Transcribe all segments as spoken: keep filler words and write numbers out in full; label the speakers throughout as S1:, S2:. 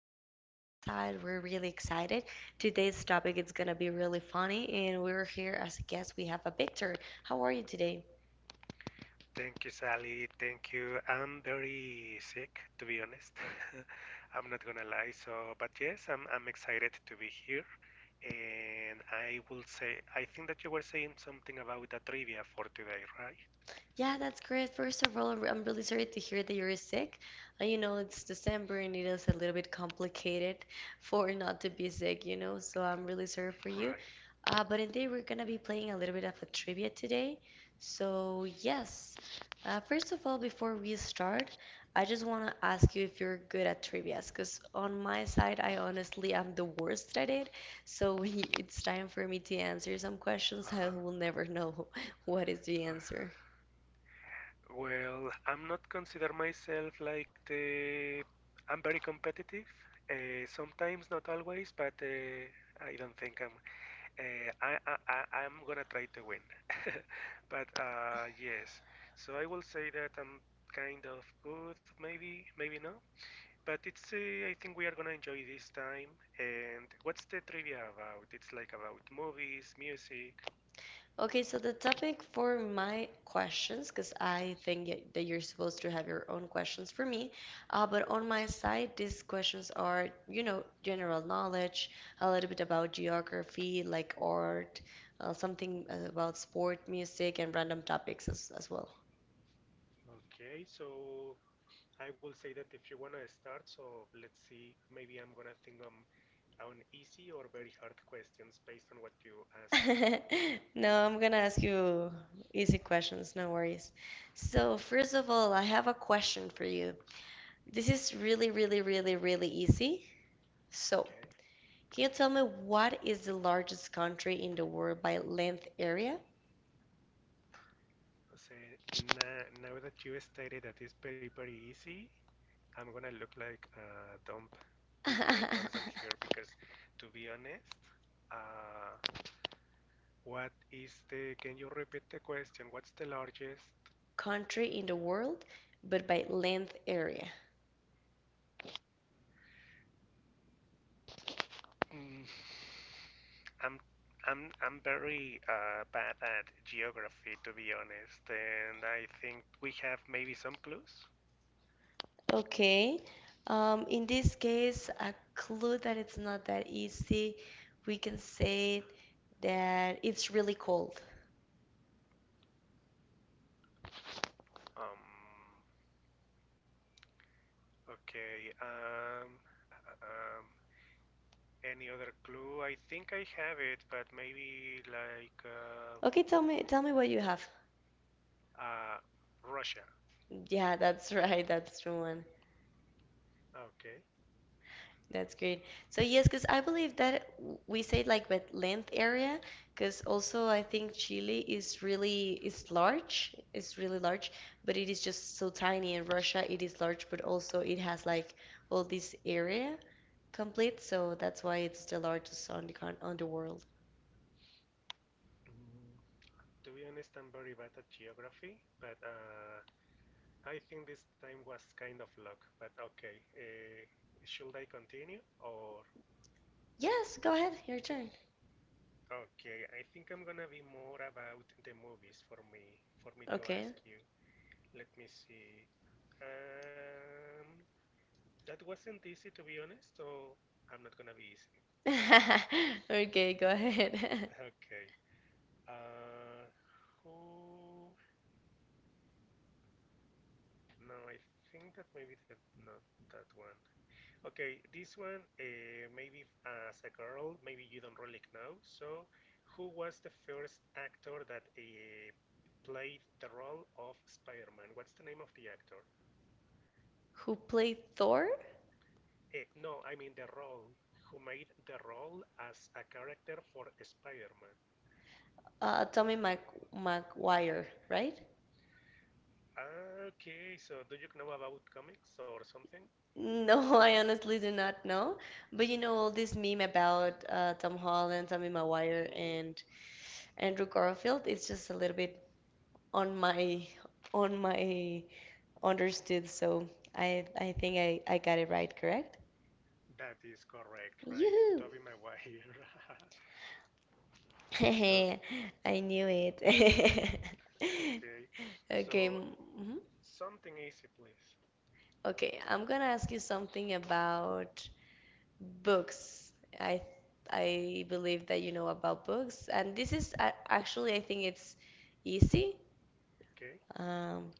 S1: pod on Riverside. We're really excited. Today's topic is gonna be really funny and we're here as a guest. We have a Victor. How are you today?
S2: Thank you, Sally. Thank you. I'm very sick, to be honest. I'm not gonna lie. So, but yes, I'm I'm excited to be here. And I will say, I think that you were saying something about a trivia for today, right?
S1: Yeah, that's great. First of all, I'm really sorry to hear that you're sick. Uh, you know, it's December and it is a little bit complicated for not to be sick, you know, so I'm really sorry for you.
S2: Right.
S1: Uh, but indeed, we're gonna be playing a little bit of a trivia today. So, yes, uh, first of all, before we start, I just wanna ask you if you're good at trivias, because on my side, I honestly am the worst at it. So, when it's time for me to answer some questions, I
S2: Uh-huh.
S1: will never know what is the
S2: Uh,
S1: answer.
S2: Well, I'm not consider myself like the. I'm very competitive. Uh, sometimes, not always, but uh, I don't think I'm. Uh, I, I, I- I'm gonna try to win. But uh, yes, so I will say that I'm kind of good, maybe, maybe not. But it's, uh, I think we are gonna enjoy this time. And what's the trivia about? It's like about movies, music.
S1: Okay, so the topic for my questions, because I think y- that you're supposed to have your own questions for me, uh, but on my side, these questions are, you know, general knowledge, a little bit about geography, like art, uh, something uh, about sport, music, and random topics as, as well.
S2: Okay, so I will say that if you wanna start, so let's see, maybe I'm gonna think on, on easy or very hard questions based on what you ask me.
S1: No, I'm gonna ask you easy questions, no worries. So, first of all, I have a question for you. This is really, really, really, really easy. So, can you tell me what is the largest country in the world by length area?
S2: So now, now that you stated that it's very, very easy, I'm gonna look like a dumb pe- uh, person here because, to be honest, uh, what is the? Can you repeat the question? What's the largest?
S1: Country in the world, but by length area.
S2: Mm, I'm I'm I'm very uh, bad at geography, to be honest, and I think we have maybe some clues.
S1: Okay. Um, in this case, a clue that it's not that easy, we can say that it's really cold.
S2: Um, okay. Um, uh, um, Any other clue? I think I have it, but maybe like uh,
S1: Okay, tell me, tell me what you have.
S2: uh, Russia.
S1: Yeah, that's right. That's the one.
S2: Okay.
S1: That's great. So yes, because I believe that w- we say like with length area, because also I think Chile is really is large, it's really large, but it is just so tiny. And Russia, it is large, but also it has like all this area complete, so that's why it's the largest on the con on the world.
S2: Mm, To be honest, I'm very bad at geography, but uh, I think this time was kind of luck. But okay, uh, should I continue or?
S1: Yes, go ahead, your turn.
S2: Okay, I think I'm gonna be more about the movies for me for me to ask
S1: Okay.
S2: you. Let me see. Um, that wasn't easy to be honest, so I'm not gonna be easy. Okay.
S1: Okay, go ahead.
S2: Okay. Uh, who? No, I think that maybe that not that one. Okay, this one uh, maybe as a girl, maybe you don't really know. So, who was the first actor that uh, played the role of Spider-Man? What's the name of the actor?
S1: Who played Thor?
S2: Eh, no, I mean the role. Who made the role as a character for Spider-Man?
S1: Uh, Tommy Mac Maguire, right?
S2: Okay, so do you know about comics or something?
S1: No, I honestly do not know. But you know all this meme about uh, Tom Holland, Tommy Maguire,
S2: No.
S1: and Andrew Garfield. It's just a little bit on my on my understood. So I I think I I got it right. Correct?
S2: That is correct, right?
S1: Yoo-hoo!
S2: Toby Maguire. So,
S1: I knew it.
S2: okay.
S1: Okay.
S2: So,
S1: mm, mhm.
S2: something easy, please.
S1: Okay. I'm gonna ask you something about books. I I believe that you know about books, and this is a- actually I think it's easy.
S2: Okay.
S1: Um,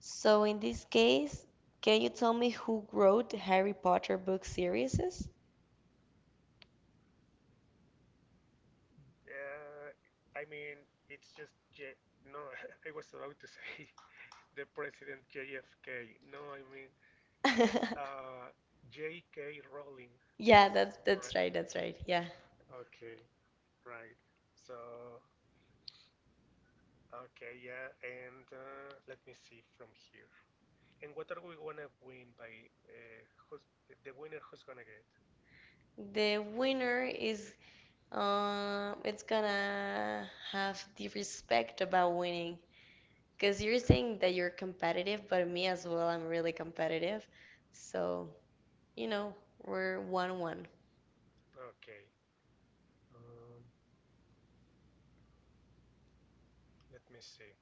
S1: so in this case, can you tell me who wrote the Harry Potter book series?
S2: Uh, I mean, it's just J. No, I was about to say the president J F K. No, I mean it's uh J K. Rowling.
S1: Yeah, that's that's
S2: Right.
S1: right, that's right. Yeah.
S2: Okay. Right. So, okay, yeah, and uh, let me see from here. And what are we gonna win by uh, who's the winner? Who's gonna get?
S1: The winner is um it's gonna have the respect about winning. 'Cause you're
S2: Yeah,
S1: saying that you're competitive, but me as well, I'm really competitive. So you know, we're one one.
S2: okay. Um, Let me see.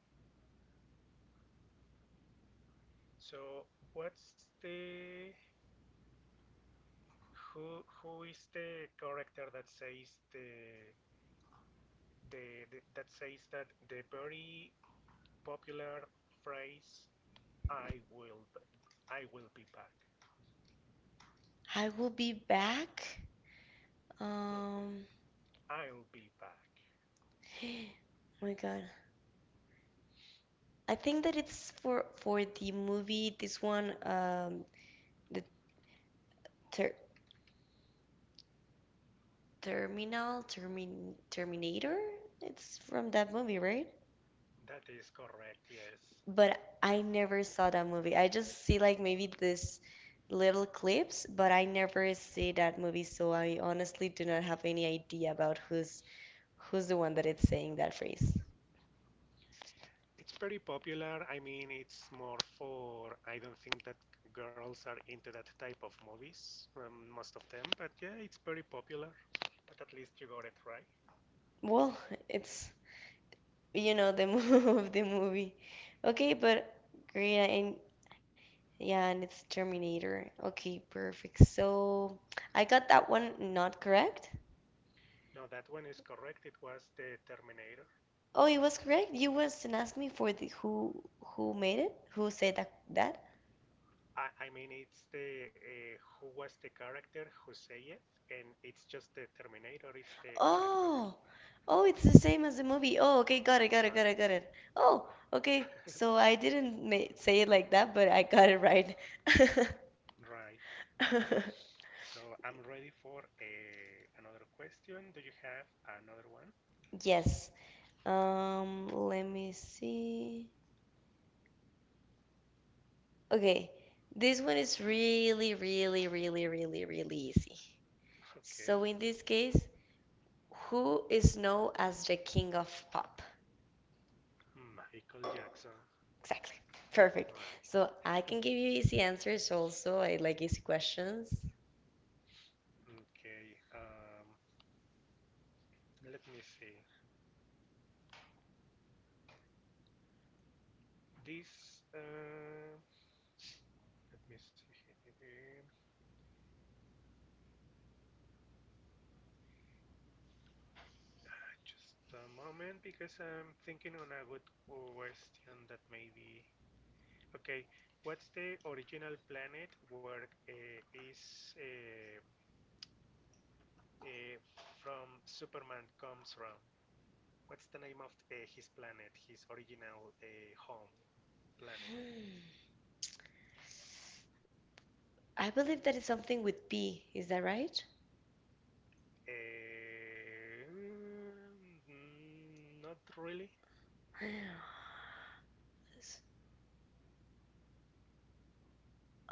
S2: So what's the who who is the character that says the the, the that says that the very popular phrase I will I will be back
S1: I will be back.
S2: hmm
S1: Um,
S2: I will be back. Mhm. I'll be back.
S1: oh my God. I think that it's for for the movie this one um the ter Terminal Termin Terminator. It's from that movie, right?
S2: That is correct. Yes.
S1: But I never saw that movie. I just see like maybe this little clips, but I never see that movie, so I honestly do not have any idea about who's who's the one that is saying that phrase.
S2: It's very popular. I mean, it's more for, I don't think that girls are into that type of movies, um, most of them, but yeah, it's very popular. But at least you got it right.
S1: Well, it's you know the move of the movie. Okay, but great, and yeah, and it's Terminator. Okay, perfect. So I got that one not correct.
S2: No, that one is correct. It was the Terminator.
S1: Oh, it was correct. You was not ask me for the who who made it, who said that that.
S2: I, I mean, it's the uh, who was the character who say it, and it's just the Terminator. It's the character.
S1: Oh, oh, it's the same as the movie. Oh, okay, got it, got it,
S2: Right,
S1: got it, got it. Oh, okay. So I didn't ma say it like that, but I got it right.
S2: right. So I'm ready for uh, another question. Do you have another one?
S1: Yes. Um, let me see. Okay, this one is really, really, really, really, really easy. So in
S2: Okay.
S1: this case, who is known as the king of pop?
S2: Michael Jackson.
S1: Exactly. Perfect.
S2: Right.
S1: So I can give you easy answers also. I like easy questions.
S2: Okay. Um, let me see. This. Uh, let me see. Just a moment, because I'm thinking on a good question that maybe. Okay. What's the original planet where uh, is uh, uh, from Superman comes from? What's the name of uh, his planet? His original uh, home planet.
S1: Hmm. I believe that is something with P. Is that right?
S2: Um, mm, Not really.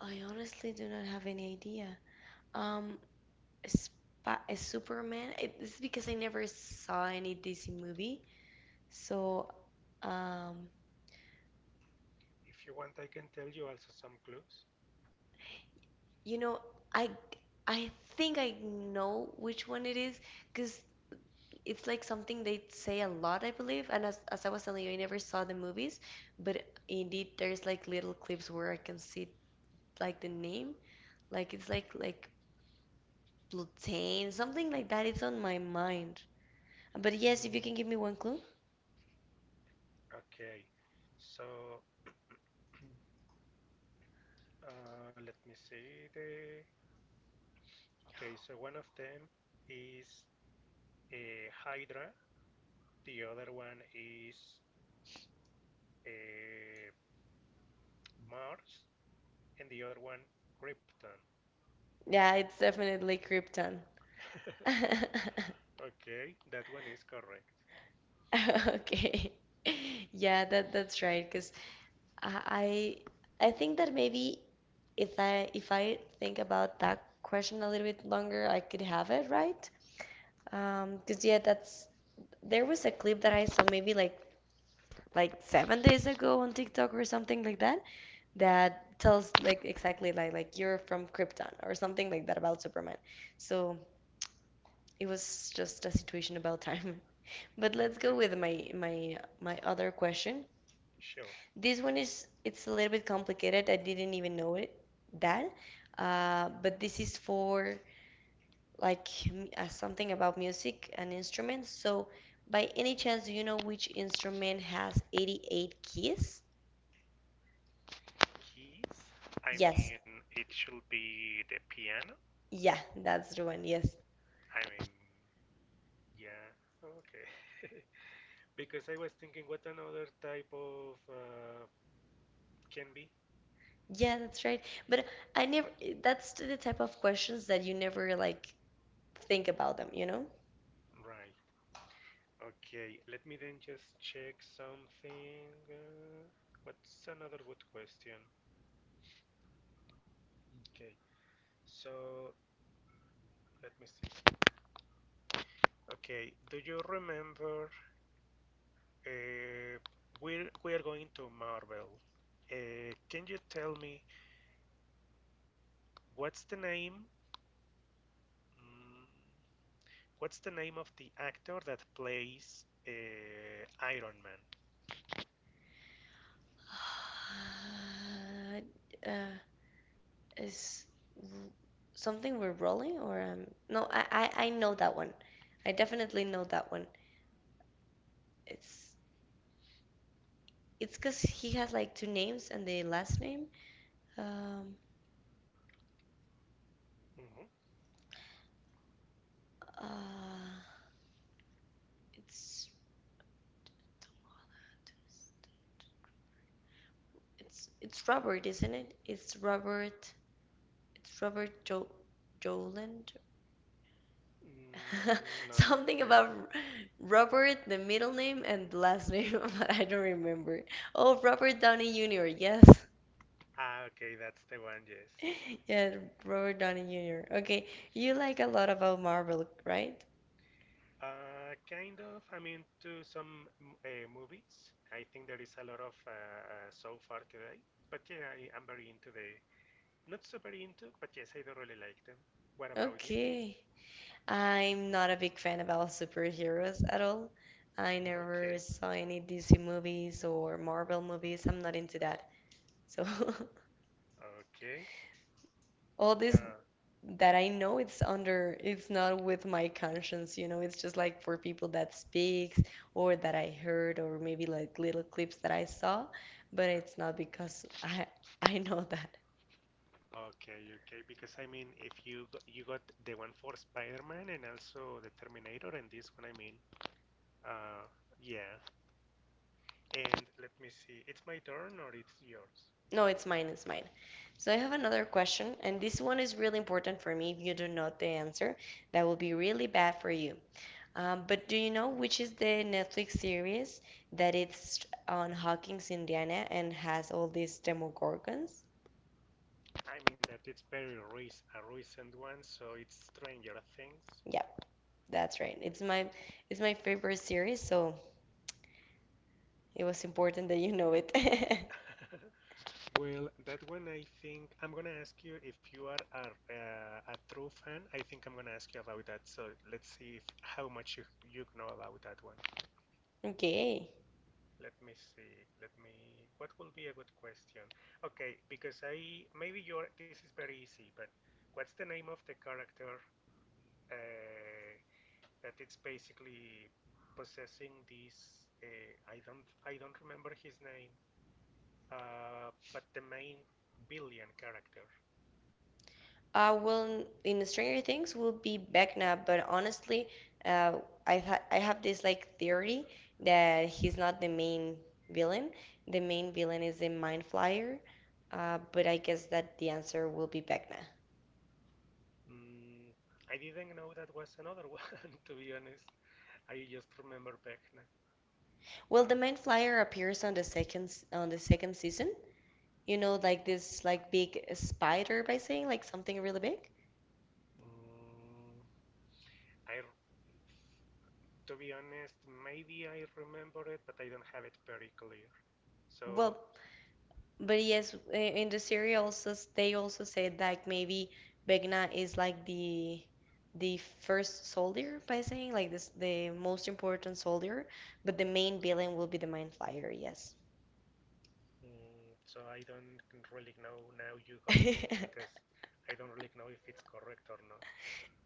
S1: I honestly do not have any idea. Um, Spa Superman. It's because I never saw any D C movie. So, um,
S2: If you want, I can tell you also some clues.
S1: you know, I I think I know which one it is because it's like something they say a lot, I believe. And as, as I was telling you, I never saw the movies, but indeed there's like little clips where I can see like the name, like it's like like Blutane, something like that. It's on my mind. But yes, if
S2: Mm,
S1: you can give me one clue.
S2: okay, so uh, let me see the. Okay, so one of them is uh, Hydra, the other one is uh, Mars, and the other one Krypton.
S1: Yeah, it's definitely Krypton.
S2: Okay, that one is correct.
S1: Okay. Yeah, that that's right, 'cause I I think that maybe if I if I think about that question a little bit longer, I could have it right. Um, 'cause yeah, that's there was a clip that I saw maybe like like seven days ago on TikTok or something like that that tells like exactly like like you're from Krypton or something like that about Superman. So it was just a situation about time. But let's
S2: Okay,
S1: go with my my my other question.
S2: sure.
S1: This one is it's a little bit complicated. I didn't even know it that. Uh, but this is for like m- uh, something about music and instruments. So by any chance, do you know which instrument has eighty-eight keys?
S2: Keys. I
S1: Yes.
S2: mean, it should be the piano.
S1: Yeah, that's the one. Yes.
S2: I mean, yeah, okay. Because I was thinking what another type of uh, can be.
S1: Yeah, that's right. But I never that's the type of questions that you never like think about them, you know?
S2: Right. Okay. Let me then just check something. Uh, what's another good question? Okay. So let me see. Okay. Do you remember? Uh, we're we're going to Marvel. Uh, can you tell me what's the name? Mm, What's the name of the actor that plays uh, Iron Man?
S1: Uh, Is r- something we're rolling or um no, I, I I know that one. I definitely know that one. It's it's 'cause he has like two names and the last name. Um
S2: Mhm.
S1: uh it's it's it's Robert, isn't it? It's Robert it's Robert Jo Joland.
S2: Mm, no, not
S1: Something
S2: really.
S1: about R- Robert, the middle name and the last name, but I don't remember. Oh, Robert Downey Junior Yes.
S2: Ah, okay, that's the one, yes.
S1: Yeah, Robert Downey Junior Okay, you like a lot about Marvel, right?
S2: Uh, kind of, I mean, to some uh, movies. I think there is a lot of uh, uh, so far today. But yeah, I am very into the. Not super into, but yes, I do really like them. What about you?
S1: Okay. I'm not a big fan about superheroes at all. I
S2: No.
S1: never
S2: Okay,
S1: saw any D C movies or Marvel movies. I'm not into that. So
S2: okay.
S1: all this that I know it's under it's not with my conscience, you know, it's just like for people that speaks or that I heard or maybe like little clips that I saw, but
S2: Uh,
S1: it's not because I I know that.
S2: Okay, okay, because I mean, if you g- you got the one for Spider-Man and also the Terminator and this one, I mean, uh, yeah. And let me see, it's my turn or it's yours?
S1: No, it's mine, it's mine. So I have another question, and this one is really important for me. If you don't know the answer, that will be really bad for you. Um, but do you know which is the Netflix series that it's on Hawkins, Indiana, and has all these Demogorgons?
S2: I mean that it's very rec- a recent one, so it's Stranger Things.
S1: Yeah, that's right. It's my it's my favorite series, so it was important that you know it.
S2: Well, that one I think I'm gonna ask you if you are a, uh, a true fan. I think I'm gonna ask you about that. So let's see if, how much you you know about that one.
S1: Okay.
S2: Let me see. Let me. What will be a good question? Okay, because I maybe you're. This is very easy, but what's the name of the character uh, that it's basically possessing this? Uh, I don't. I don't remember his name. Uh, but the main billion character.
S1: Uh, well, in Stranger Things will be Vecna, but honestly, uh, i ha I have this like theory that he's not the main villain. The main villain is the Mind Flyer, uh, but I guess that the answer will be Vecna.
S2: Mm, I didn't know that was another one. To be honest, I just remember Vecna.
S1: Well,
S2: Uh,
S1: the Mind Flyer appears on the second s- on the second season. You know, like this like big spider by saying like something really big.
S2: mm, I To be honest, maybe I remember it, but I don't have it very clear. So,
S1: Well, But yes, i- in the series also s- they also said like maybe Vecna is like the the first soldier by saying like this the most important soldier, but the main villain will be the Mind Flayer, yes.
S2: mm, so I don't really know. Now you got me because I don't really know if it's correct or not.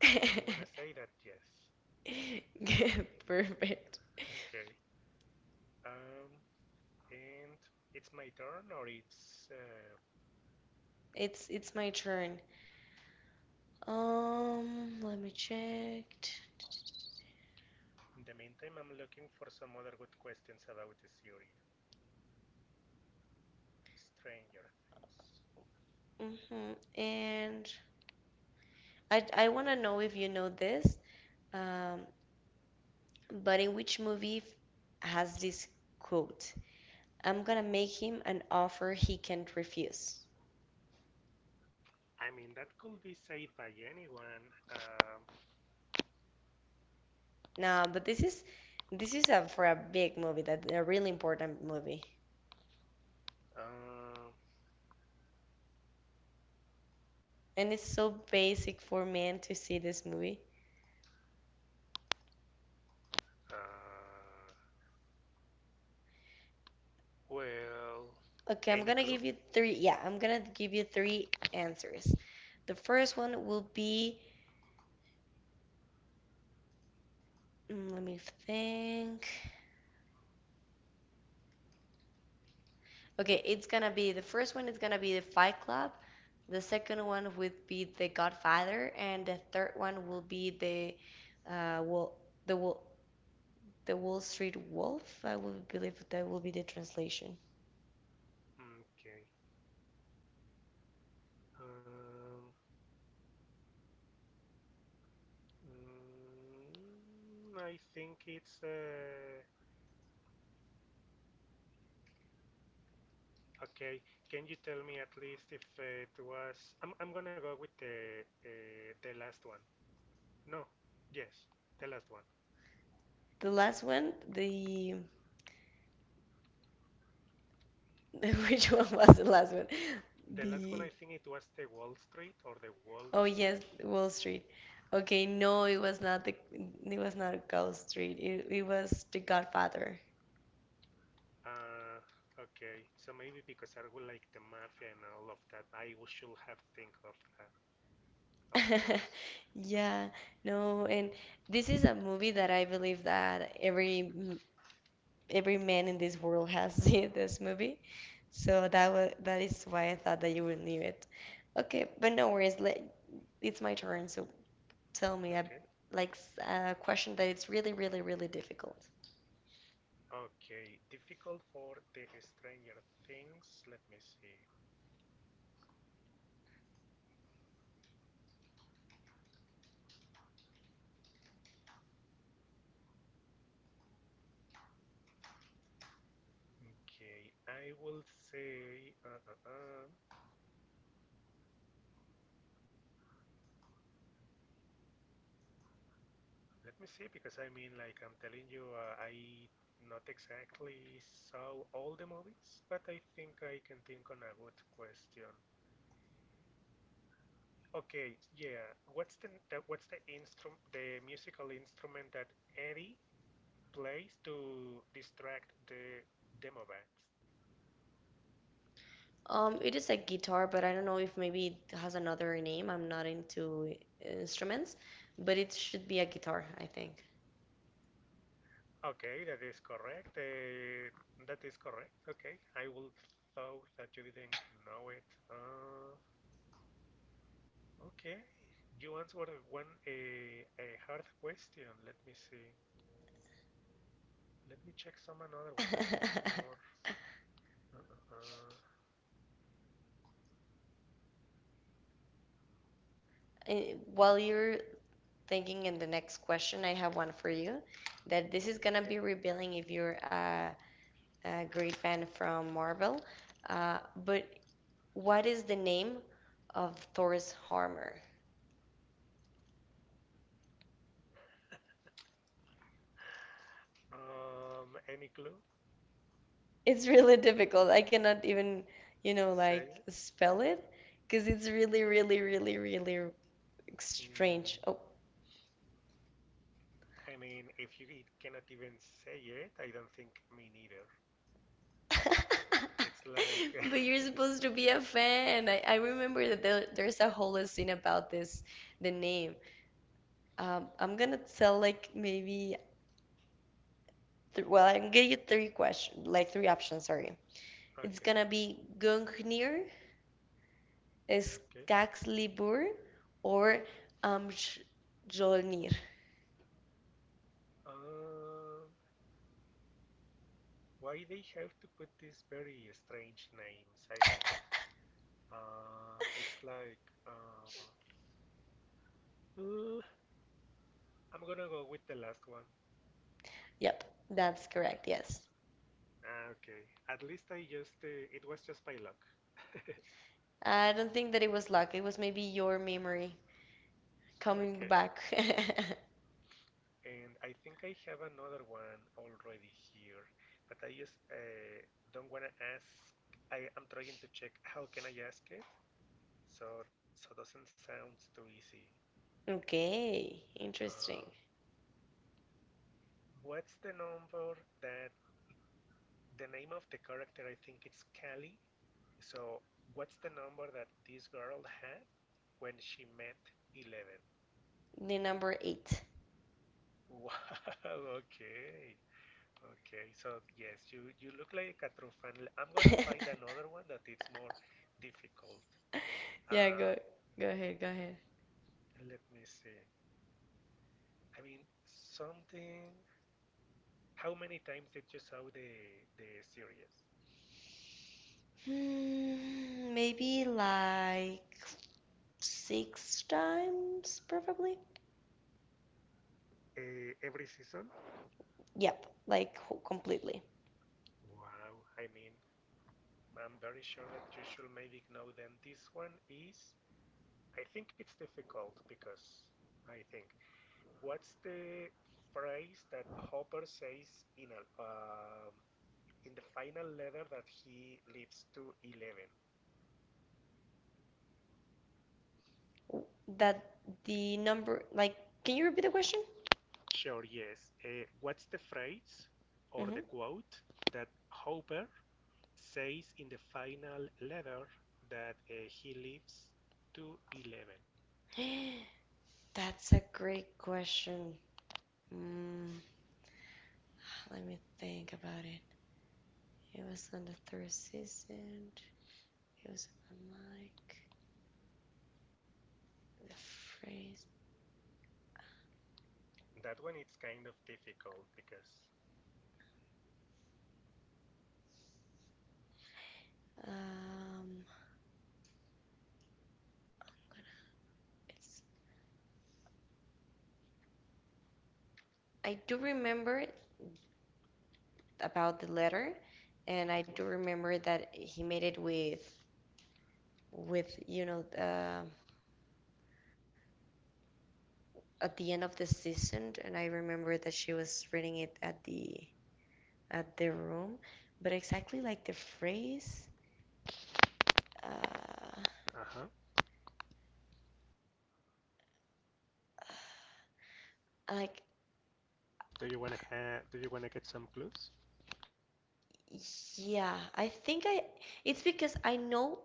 S2: But I'm gonna say that yes.
S1: Good, perfect.
S2: Okay. Um, and it's my turn, or it's. Uh,
S1: It's it's my turn. Um, let me check.
S2: in the meantime, I'm looking for some other good questions about the series. Stranger Things.
S1: Mm-hmm. And I I want to know if you know this. Um, But in which movie f- has this quote? I'm gonna make him an offer he can't refuse.
S2: I mean, that could be said by anyone. Um,
S1: Nah, but this is this is a, for a big movie that a really important movie.
S2: uh,
S1: And it's so basic for men to see this movie.
S2: uh, Well,
S1: Okay, I'm
S2: any
S1: gonna
S2: clue?
S1: give you three. Yeah, I'm gonna give you three answers. The first one will be, mm, let me think. Okay, it's gonna be the first one is gonna be the Fight Club, the second one would be the Godfather, and the third one will be the uh Wall the Wall the Wall Street Wolf. I will believe that will be the translation.
S2: Mm, Okay. Um, mm, I think it's uh, okay. Can you tell me at least if it was? I'm I'm gonna go with the uh, the last one. No, yes, the last one.
S1: The last one, the which one was the last one?
S2: The last one I
S1: The
S2: think it was the Wall Street or the Wolf.
S1: Oh yes, Wall Street. Okay, no, it was not the it was not Wall Street. It it was the Godfather.
S2: Uh, okay, so maybe because I would like the mafia and all of that, I should have think of that, of course.
S1: Yeah, no, and this is a movie that I believe that every m- every man in this world has seen this movie. So that was that is why I thought that you would knew it. Okay, but no worries. Let, it's my turn, so tell me a
S2: Okay.
S1: like s- a question that it's really, really, really difficult.
S2: Okay, difficult for the Stranger Things. Let me see. Okay, I will say. Uh, uh, uh, let me see because I mean, like I'm telling you, uh, I not exactly saw all the movies, but I think I can think on a good question. Okay, yeah. What's the, the what's the instrument, the musical instrument that Eddie plays to distract the Demovats?
S1: Um, it is a guitar, but I don't know if maybe it has another name. I'm not into uh, instruments, but it should be a guitar, I think.
S2: Okay, that is correct. Uh, that is correct. Okay, I would thought that you didn't know it. Uh, okay, you answered one a a hard question. Let me see. Let me check some another one that it's more. Uh, uh, uh,
S1: eh, while you're thinking in the next question, I have one for you that this is gonna be
S2: okay.
S1: revealing if you're a, a great fan from Marvel. Uh, but what is the name of Thor's armor?
S2: Um, any clue?
S1: It's really difficult. I cannot even, you know,
S2: Say
S1: like
S2: it.
S1: spell it because it's really, really, really, really
S2: Mm,
S1: strange. Oh.
S2: I mean, if you cannot even say it, I don't think me neither. It's
S1: But
S2: like
S1: you're supposed to be a fan. I, I remember that there, there's a whole scene about this, the name. Um, I'm gonna tell like maybe th well, I'm gonna give you three questions, like three options, sorry. It's
S2: okay,
S1: gonna be Gungnir,
S2: okay.
S1: Skakslibur, or Amjolnir.
S2: Uh, Why they have to put these very strange names? I mean, uh, it's like uh, uh, I'm gonna go with the last one.
S1: Yep, that's correct. Yes.
S2: Ah, okay, at least I just uh, it was just by luck.
S1: I don't think that it was luck. It was maybe your memory coming
S2: Okay,
S1: back.
S2: and I think I have another one already here, but I just uh, don't wanna ask. I am trying to check how can I ask it, so so doesn't sound too easy.
S1: Okay,
S2: Um,
S1: interesting.
S2: what's the number that the name of the character, I think it's Callie. So what's the number that this girl had when she met eleven?
S1: The number eight.
S2: Wow, okay. Okay, so yes, you, you look like a true fan. I'm gonna find another one that it's more difficult.
S1: Yeah, go
S2: Um,
S1: go ahead, go ahead.
S2: Let me see. I mean, something. How many times did you saw the the series?
S1: Hmm, maybe like six times, probably.
S2: Uh, every season?
S1: Yep, like ho- completely.
S2: Wow, I mean, I'm very sure that you should maybe know then this one is I think it's difficult because I think what's the phrase that Hopper says in a um in the final letter that he leaves to Eleven?
S1: That the number, like, can you repeat the question?
S2: Sure, yes. Uh, what's the phrase or
S1: Mm-hmm.
S2: the quote that Hopper says in the final letter that uh, he leaves to Eleven?
S1: That's a great question. Mm, let me think about it. It was on the third season. It was on my mic. The phrase.
S2: That one it's kind of difficult because.
S1: Um, I'm gonna it's. I do remember about the letter, and I do remember that he made it with with you know uh, at the end of the season, and I remember that she was reading it at the at the room, but exactly like the phrase, uh,
S2: Uh-huh.
S1: like
S2: Do you wanna have? Do you wanna get some clues?
S1: Yeah, I think I it's because I know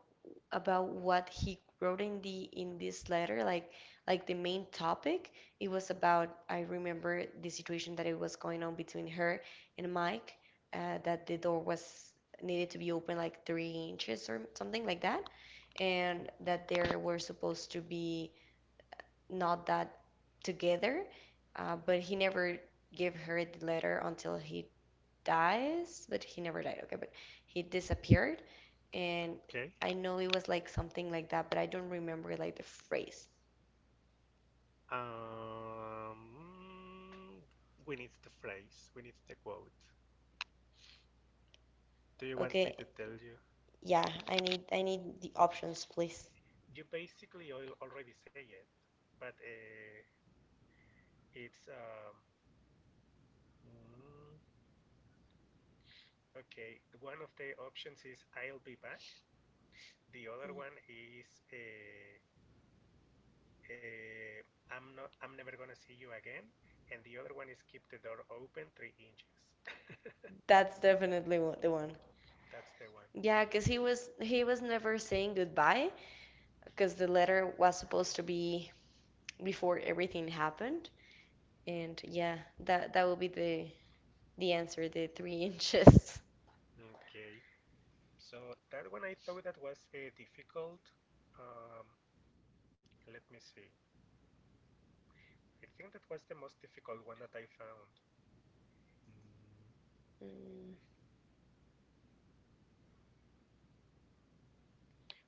S1: about what he wrote in the in this letter, like like the main topic. It was about I remember the situation that it was going on between her and Mike, uh, that the door was needed to be open like three inches or something like that, and that they were supposed to be not that together, uh, but he never gave her the letter until he dies, but he never died, okay, but he disappeared. And
S2: Okay.
S1: I know it was like something like that, but I don't remember like the phrase.
S2: Um, we need the phrase. We need the quote. Do you want me to
S1: Okay,
S2: tell you?
S1: yeah, I need I need the options, please.
S2: You basically already say it, but uh, it's um. mm, okay. One of the options is "I'll be back." The other one is uh, uh, "I'm not. I'm never gonna see you again." And the other one is "Keep the door open three inches."
S1: That's definitely one, the one.
S2: That's the one.
S1: Yeah, cause he was he was never saying goodbye, cause the letter was supposed to be before everything happened. And yeah, that that will be the the answer, the three inches.
S2: Okay. So that one I thought that was uh, difficult. Um, Let me see. I think that was the most difficult one that I found. Mm.
S1: Mm.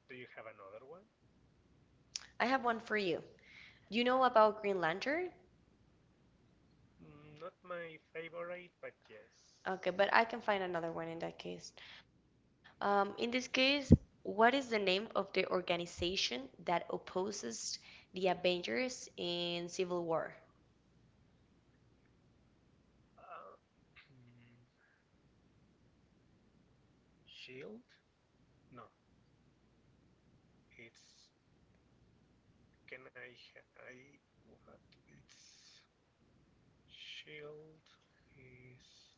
S2: Do you have another one?
S1: I have one for you. You know about Green Lantern?
S2: Mm, not my favorite, but yes.
S1: Okay, but I can find another one in that case. Um, in this case, what is the name of the organization that opposes the Avengers in Civil War?
S2: Uh, Shield? No, it's. Can I? I what? It's Shield is.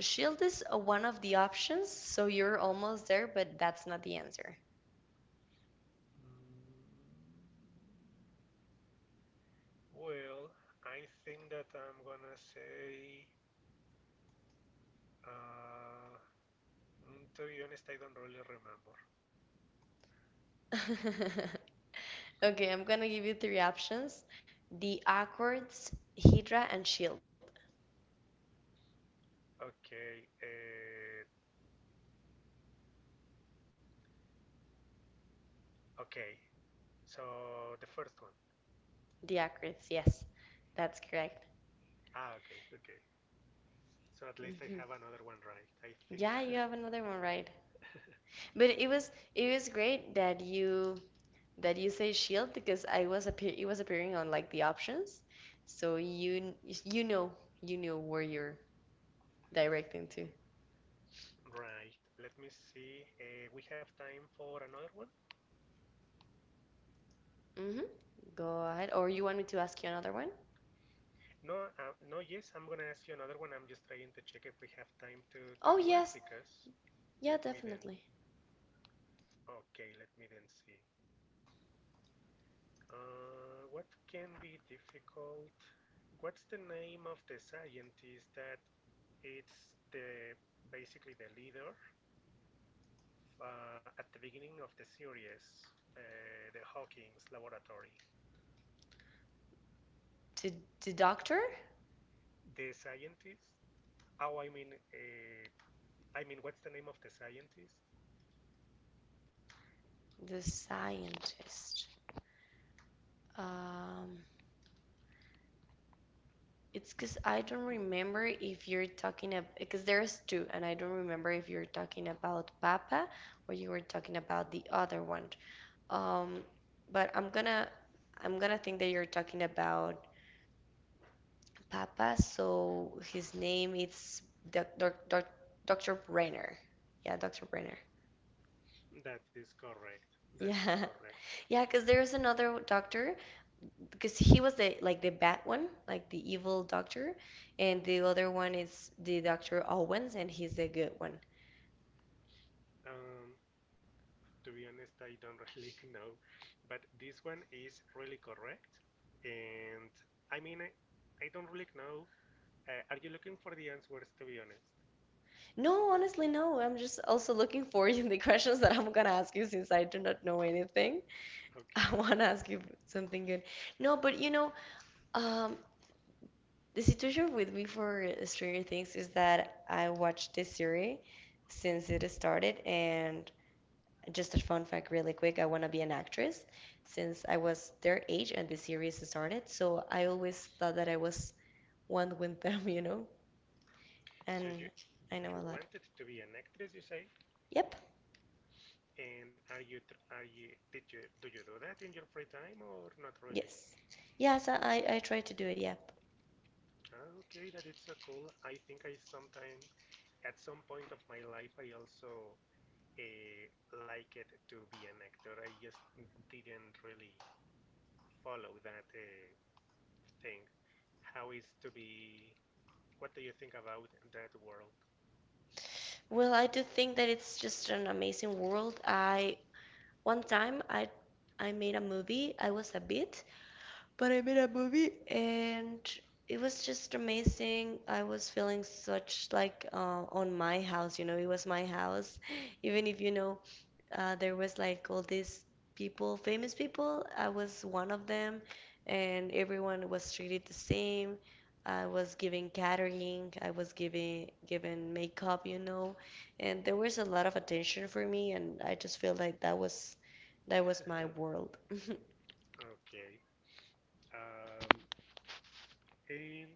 S1: Shield is uh, one of the options, so you're almost there, but that's not the answer.
S2: Mm, well, I think that I'm gonna say. Uh, mm, to be honest, I don't really remember.
S1: Okay, I'm gonna give you three options. The Accords, Hydra, and Shield.
S2: Okay, uh, okay. So the first one.
S1: The Accords, yes, that's correct.
S2: Ah, okay, okay. So at least I
S1: Hmm.
S2: have another one right, I think
S1: Yeah, you
S2: that.
S1: have another one right. But it was it was great that you that you say shield because I was appear it was appearing on like the options, so you you know you know where you're directing to.
S2: Right. Let me see. Uh, we have time for another one.
S1: Hmm. Go ahead. Or you want me to ask you another one?
S2: No, uh, no. Yes, I'm gonna ask you another one. I'm just trying to check if we have time to to
S1: Oh
S2: do it
S1: yes,
S2: because.
S1: yeah,
S2: Let me then.
S1: definitely.
S2: Okay, let me then see. Uh, what can be difficult? What's the name of the scientist that. It's the basically the leader uh, at the beginning of the series, uh, the Hawking's laboratory.
S1: To the doctor,
S2: The scientist. Oh, I mean, uh, I mean, what's the name of the scientist?
S1: the scientist. Um, it's because I don't remember if you're talking about because there's two, and I don't remember if you're talking about Papa or you were talking about the other one. Um, but I'm gonna I'm gonna think that you're talking about Papa, so his name is Doc, Doc, Doc, doctor Brenner. Yeah, doctor Brenner.
S2: That is correct. That is
S1: Yeah.
S2: correct.
S1: yeah. Because there's another doctor because he was the like the bad one, like the evil doctor, and the other one is the doctor Owens and he's the good one.
S2: Um, to be honest, I don't really know, but this one is really correct. And I mean, I, I don't really know. Uh, are you looking for the answers? To be honest.
S1: No, honestly, no. I'm just also looking for you the questions that I'm gonna ask you since I do not know anything. I
S2: Okay.
S1: wanna ask you something good. No, but you know, Um, the situation with me for Stranger Things is that I watched this series since it started, and just a fun fact, really quick, I want to be an actress since I was their age and the series started. So I always thought that I was one with them, you know,
S2: So you
S1: and I know
S2: you
S1: a lot.
S2: wanted to be an actress, you say?
S1: Yep.
S2: And are you tr- are you did you do you do that in your free time or not really?
S1: Yes. Yes, I, I I try to do it. Yep.
S2: Ah, okay, that is so cool. I think I sometime at some point of my life I also uh, liked to be an actor. I just didn't really follow that uh, thing. How is to be? What do you think about that world?
S1: Well, I do think that it's just an amazing world. I one time I I made a movie. I was a bit. But I made a movie and it was just amazing. I was feeling such like uh, on my house, you know, it was my house. Even if you know, uh, there was like all these people, famous people, I was one of them, and everyone was treated the same. I was giving catering, I was giving given makeup, you know, and there was a lot of attention for me, and I just feel like that was that was my world.
S2: Okay. Um, and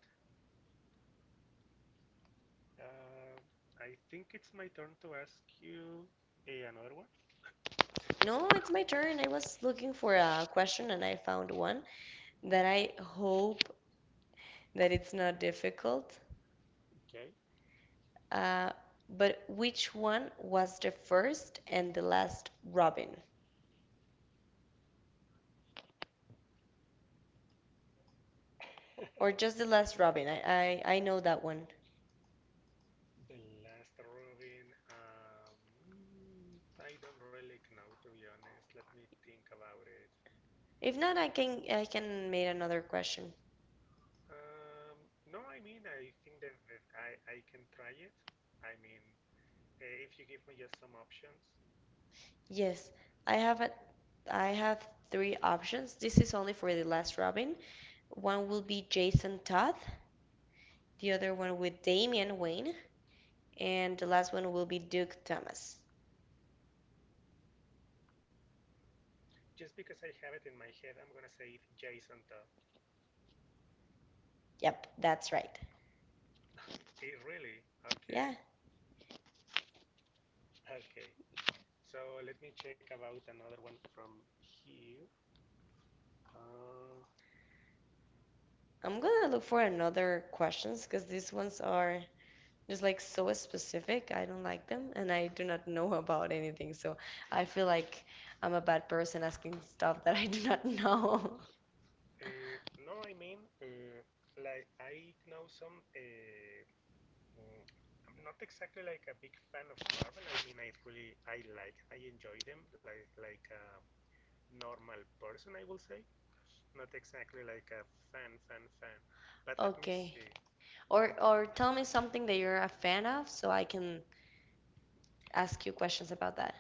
S2: Uh, I think it's my turn to ask you eh, another one.
S1: No, it's my turn. I was looking for a question and I found one that I hope that it's not difficult.
S2: Okay.
S1: Uh, but which one was the first and the last Robin? Or just the last Robin? I, I, I know that one.
S2: The last Robin. Um, mm, I don't really know, to be honest. Let me think about it.
S1: If not, I can I can make another question.
S2: Um, no, I mean, I think that, that I, I can try it. I mean, eh, if you give me just some options.
S1: Yes, I have a, I have three options. This is only for the last Robin. One will be Jason Todd, the other one with Damian Wayne, and the last one will be Duke Thomas.
S2: Just because I have it in my head, I'm gonna say it Jason Todd.
S1: Yep, that's right.
S2: Eh, really? Okay.
S1: Yeah,
S2: Okay. So let me check about another one from here. Uh,
S1: I'm gonna look for another questions because these ones are just like so specific. I don't like them and I do not know about anything. So I feel like I'm a bad person asking stuff that I do not know.
S2: Uh, no, I mean, uh, like I know some. Uh, mm, I'm not exactly like a big fan of Marvel. I mean, I really, I like, I enjoy them like like a normal person, I will say. Not exactly like a fan, fan, fan. But let me
S1: Okay.
S2: see.
S1: Or
S2: Um,
S1: or tell me something that you're a fan of so I can ask you questions about that.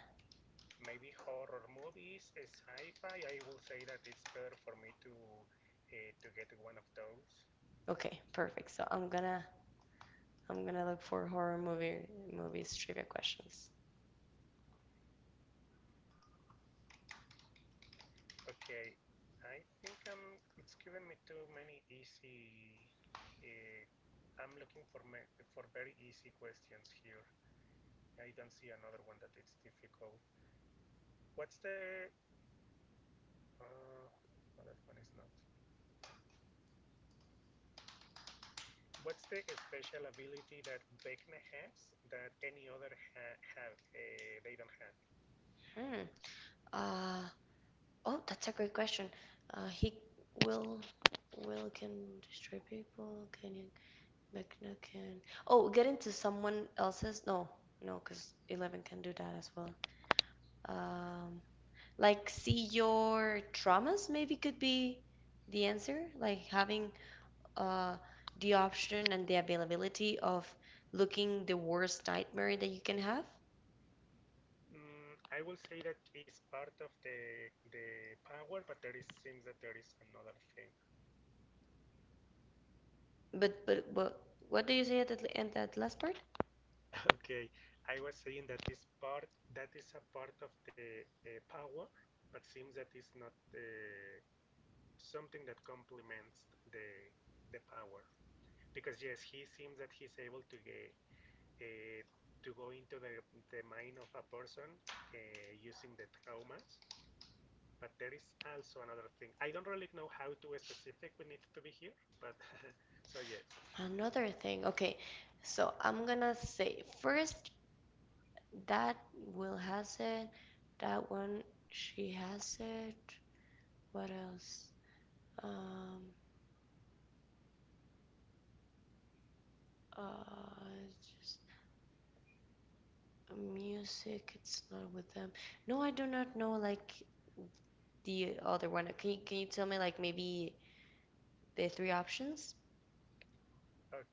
S2: Maybe horror movies, uh, sci-fi. I will say that it's better for me to uh, to get one of those.
S1: Okay, perfect. So I'm gonna I'm gonna look for horror movie movies trivia questions.
S2: Okay, I think I'm. It's given me too many easy. Uh, I'm looking for me, for very easy questions here. I don't see another one that it's difficult. What's the? Uh, no, that one is not. What's the special ability that Vecna has that any other ha- have? Uh, they don't have.
S1: Hmm. Uh, Oh, that's a great question. Uh, he will will can destroy people. Can you Mechna can oh get into someone else's no no because eleven can do that as well. Um, like see your traumas maybe could be the answer. Like having uh the option and the availability of looking the worst nightmare that you can have.
S2: Mm, I will say that is part of the the power, but there is seems that there is another thing.
S1: But but but what do you say at the at that last part?
S2: Okay, I was saying that this part that is a part of the uh, power, but seems that is not uh, something that complements the the power. Because yes, he seems that he's able to get uh, to go into the the mind of a person uh, using the traumas. But there is also another thing. I don't really know how too specific we need to be here, but so yes.
S1: Another thing. Okay, so I'm gonna say first that Will has it. That one she has it. What else? Um, uh, just music. It's not with them. No, I do not know like the other one. Can you can you tell me like maybe the three options?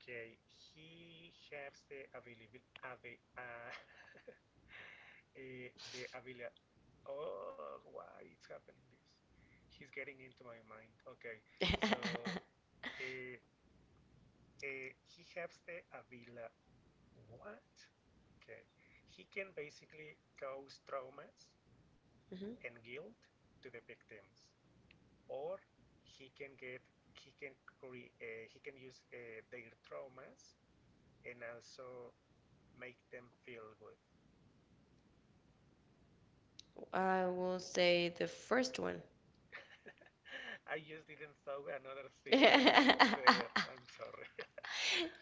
S2: Okay, he has the available ave, uh, eh, the ability. Oh, why it's happening this? He's getting into my mind. Okay, so uh, uh, he has the Avila. What? Okay, he can basically cause traumas
S1: Mhm.
S2: and guilt to the victims, or he can get he can cre- uh, he can use uh, their traumas and also make them feel good.
S1: I will say the first one.
S2: I just didn't saw another thing better. I'm sorry.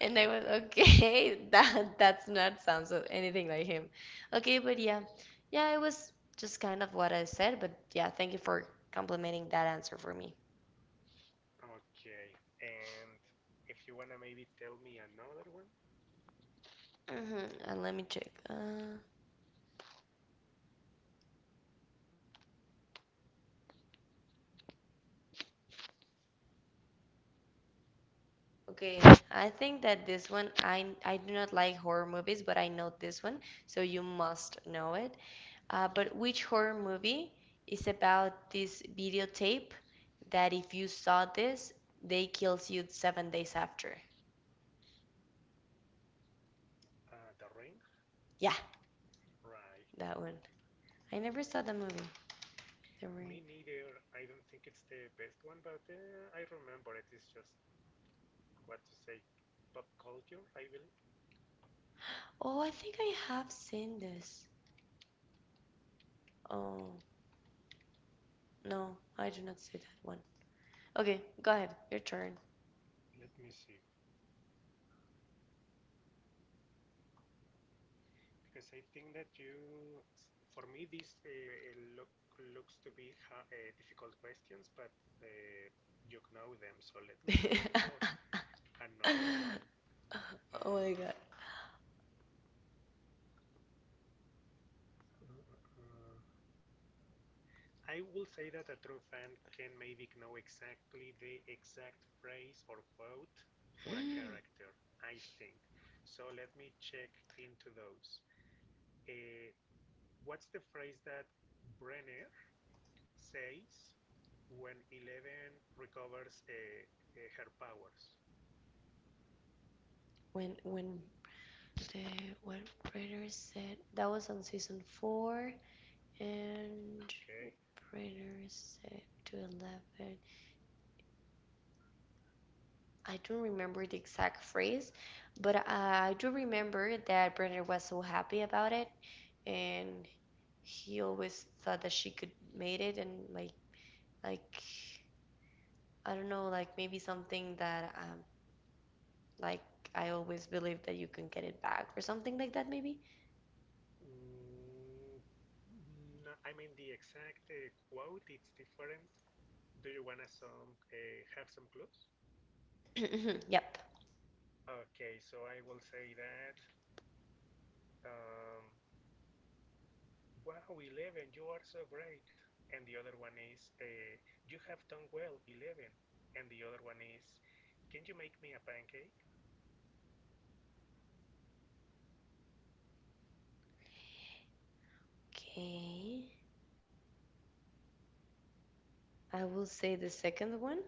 S1: And I was
S2: Okay.
S1: okay, that that's not sounds of anything like him. Okay, but yeah, yeah, it was just kind of what I said, but yeah, thank you for complimenting that answer for me.
S2: Okay, and if you wanna maybe tell me another one,
S1: Hmm. And let me check. Uh, okay, I think that this one, I I do not like horror movies, but I know this one, so you must know it. Uh, but which horror movie is about this videotape that if you saw this, they kills you seven days after?
S2: uh, The Ring,
S1: Yeah,
S2: right?
S1: that one. I never saw the movie, The
S2: Me
S1: Ring.
S2: neither. I don't think it's the best one, but uh, I remember it is just what to say, pop culture, I believe.
S1: Oh, I think I have seen this. Oh, no, I do not see that one. Okay, go ahead. Your turn.
S2: Let me see. Because I think that you, for me, this uh, uh, look looks to be ha uh, difficult questions, but uh, you know them. So let me look for another one.
S1: Oh my
S2: Uh,
S1: God.
S2: uh, uh, uh. I will say that a true fan can maybe know exactly the exact phrase or quote for a character, I think. So let me check into those. Uh, what's the phrase that Brenner says when Eleven recovers uh, uh, her powers.
S1: When when the what Predator said that was on season four and
S2: Okay.
S1: Predator said to eleven. I don't remember the exact phrase, but I do remember that Predator was so happy about it and he always thought that she could made it and like like I don't know, like maybe something that um like I always believe that you can get it back or something like that maybe.
S2: Mm, no, I mean the exact uh, quote. It's different. Do you wanna some uh, have some clues?
S1: Yep.
S2: Okay, so I will say that. Um, wow, Eleven, you are so great. And the other one is, uh, you have done well, Eleven. And the other one is, can you make me a pancake?
S1: Okay. I will say the second one.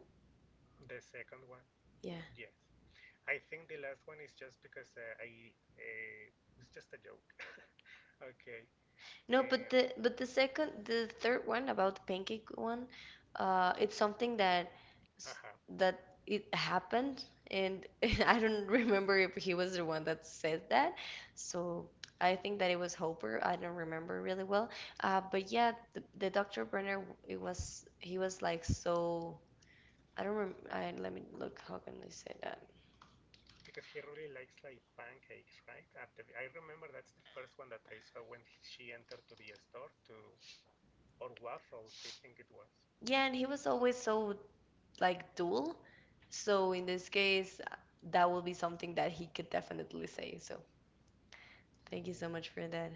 S2: The second one,
S1: Yeah.
S2: yes. I think the last one is just because uh, I uh, it's just a joke. Okay,
S1: No, but
S2: and
S1: the but the second the third one about the pancake one, uh, it's something that s-
S2: uh-huh,
S1: that it happened, and I don't remember if he was the one that said that. So I think that it was Hopper. I don't remember really well. Uh, but yeah, the, the doctor Brenner, it was he was like so. I don't remember. I, let me look. How can I say that?
S2: because he really likes like pancakes, right? At the, I remember that's the first one that I saw when she entered to the store to or waffles, I think it was.
S1: Yeah, and he was always so like dual. So in this case, uh, that will be something that he could definitely say. So thank you so much
S2: Mm,
S1: for that.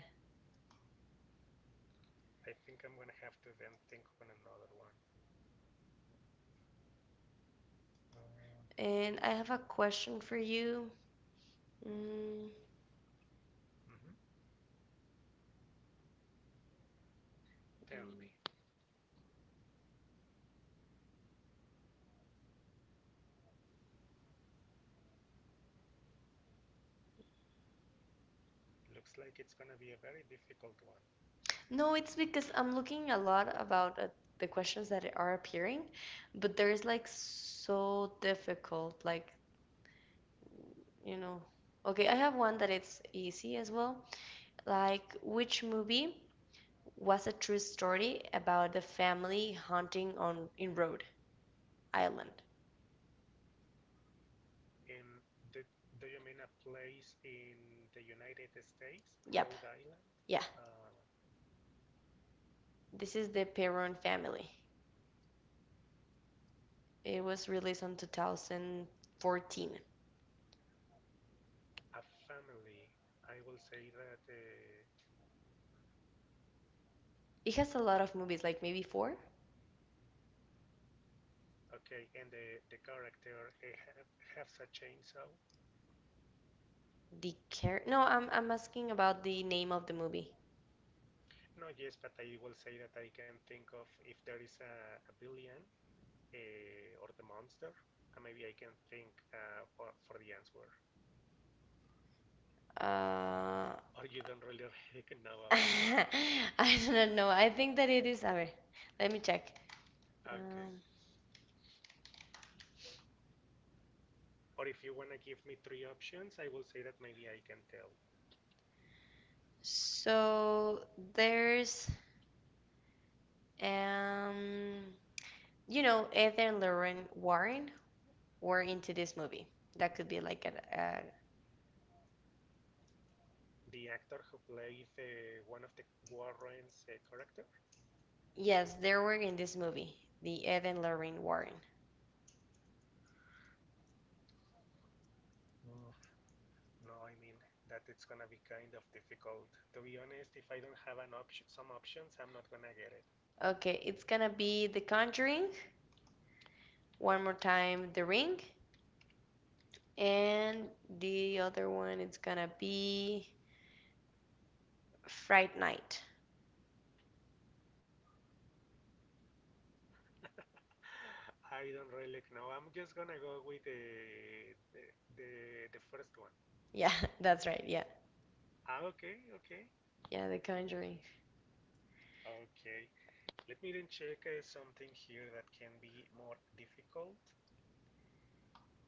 S2: I think I'm gonna have to then think on another one. Um,
S1: And I have a question for you. Mm,
S2: mhm. Tell me. Looks like it's gonna be a very difficult one.
S1: no, it's because I'm looking a lot about uh, the questions that are appearing, but there is like so difficult, like, you know. Okay, I have one that it's easy as well. Like, which movie was a true story about the family hunting on in Rhode Island?
S2: Um, do, do you mean a place in the United States,
S1: Yep.
S2: Rhode Island?
S1: Yeah,
S2: Uh,
S1: this is the Perron family. It was released on two thousand fourteen.
S2: a family. I will say that. Uh,
S1: It has a lot of movies, like maybe four.
S2: okay, and the the character he ha- has a chainsaw.
S1: The care? No, I'm I'm asking about the name of the movie.
S2: No, yes, but I will say that I can think of if there is a, a villain uh, or the monster. Uh, maybe I can think uh, for, for the answer.
S1: Uh,
S2: Or you don't really know about that.
S1: I don't know. I think that it is. A ver, let me check.
S2: Okay.
S1: Um,
S2: Or if you wanna give me three options, I will say that maybe I can tell.
S1: so there's um, you know, Ed and Lorraine Warren were into this movie. That could be like a, a
S2: The actor who plays uh, one of the Warrens' uh, character.
S1: Yes, they were in this movie, the Ed and Lorraine Warren.
S2: Mm. No, I mean that it's gonna be kind of difficult. To be honest, if I don't have an option, some options, I'm not gonna get it.
S1: Okay, it's gonna be The Conjuring, one more time, The Ring, and the other one it's gonna be Fright Night.
S2: I don't really know. I'm just gonna go with the the the, the first one.
S1: Yeah, that's right. Yeah,
S2: Ah, okay, okay,
S1: yeah, The
S2: okay,
S1: Conjuring.
S2: okay. Let me then check uh, something here that can be more difficult.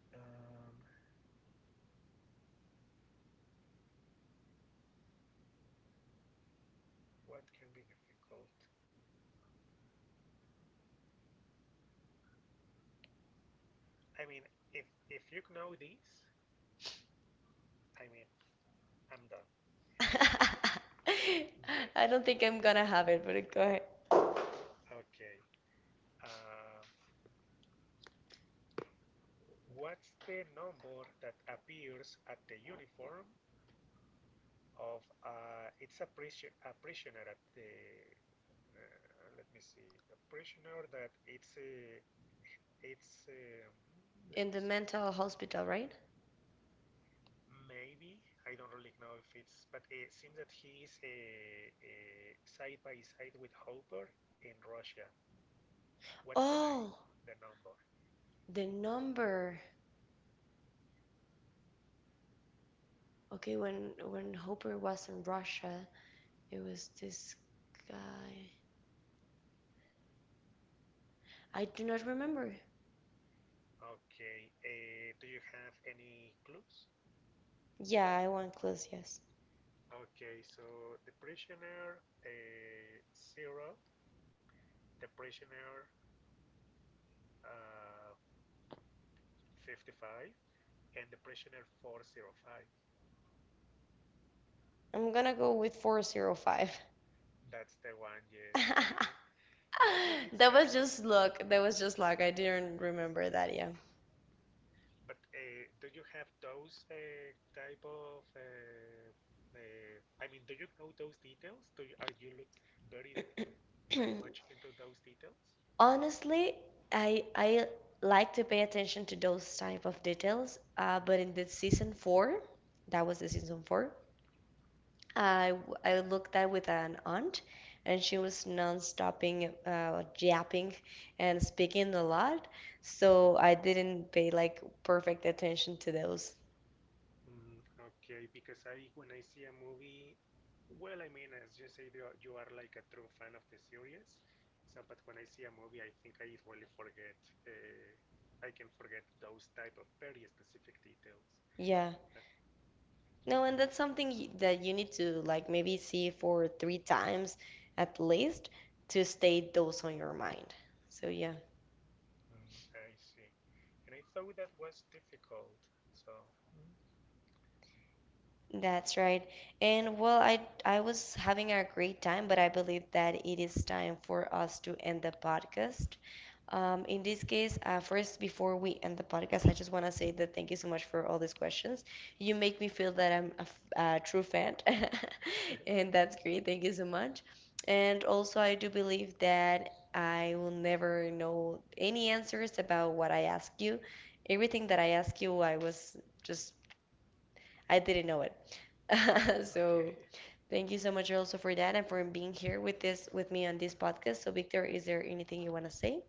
S2: Um, what can be difficult? I mean, if if you know this, I mean, I'm done.
S1: I
S2: Yes.
S1: don't think I'm gonna have it, but go ahead.
S2: Okay. Uh, what's the number that appears at the uniform of uh, it's a, prisi- a prisoner at the uh, let me see a prisoner that it's a. It's um, let
S1: In
S2: me
S1: the
S2: see
S1: mental hospital, right?
S2: maybe I don't really know if it's but it seems that he is a uh, side by side with Hopper in Russia. What's the name?
S1: Oh,
S2: The number.
S1: the number. Okay, when when Hopper was in Russia, it was this guy. I do not remember.
S2: Okay. Uh, do you have any clues?
S1: Yeah, I want clues, yes.
S2: Okay, so the prisoner uh, zero, the prisoner uh, fifty-five, and the prisoner four zero five.
S1: I'm gonna go with four zero five.
S2: That's the one, yes. I mean, that one it's
S1: That
S2: kind
S1: was
S2: of,
S1: just luck. That was just luck. I didn't remember that, yeah.
S2: but uh, do you have those uh, type of, uh, uh, I mean, do you know those details? Do you, are you look very, very much into those details?
S1: Honestly, I I like to pay attention to those type of details, uh, but in the season four, that was the season four, I w- I looked at with an aunt, and she was non-stopping, uh, yapping and speaking a lot, so I didn't pay like perfect attention to those.
S2: Mm, okay, because I when I see a movie, well, I mean, as you say, you are, you are like a true fan of the series. So, but when I see a movie, I think I really forget. Uh, I can forget those type of very specific details.
S1: Yeah.
S2: But
S1: No,
S2: mhm,
S1: and that's something y- that you need to like maybe see for three times at least to stay those on your mind. So yeah,
S2: mm, I see, and I thought that was difficult. So mm,
S1: that's right. And well, I I was having a great time, but I believe that it is time for us to end the podcast. Um, in this case, uh, first, before we end the podcast, I just want to say that thank you so much for all these questions. You make me feel that I'm a, f- a true fan, and that's great. Thank you so much. And also, I do believe that I will never know any answers about what I ask you. Everything that I ask you, I was just, I didn't know it.
S2: okay,
S1: So thank you so much also for that and for being here with this with me on this podcast. So, Victor, is there anything you want to say?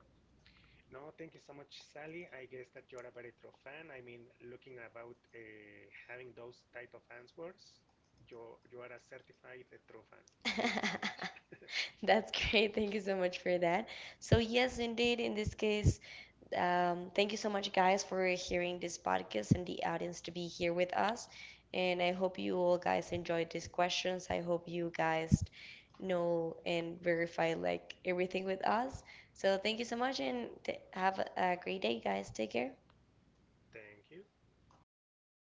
S2: No, thank you so much, Sally. I guess that you're a very true fan. I mean, looking about uh, having those type of answers, you you are a certified uh, true fan. Thank you so much.
S1: That's great. Thank you so much for that. So, yes, indeed, in this case, um, thank you so much, guys, for hearing this podcast and the audience to be here with us. And I hope you all guys enjoyed these questions. I hope you guys know and verify like everything with us. So, thank you so much and t have a a great day, guys. Take care.
S2: Thank you.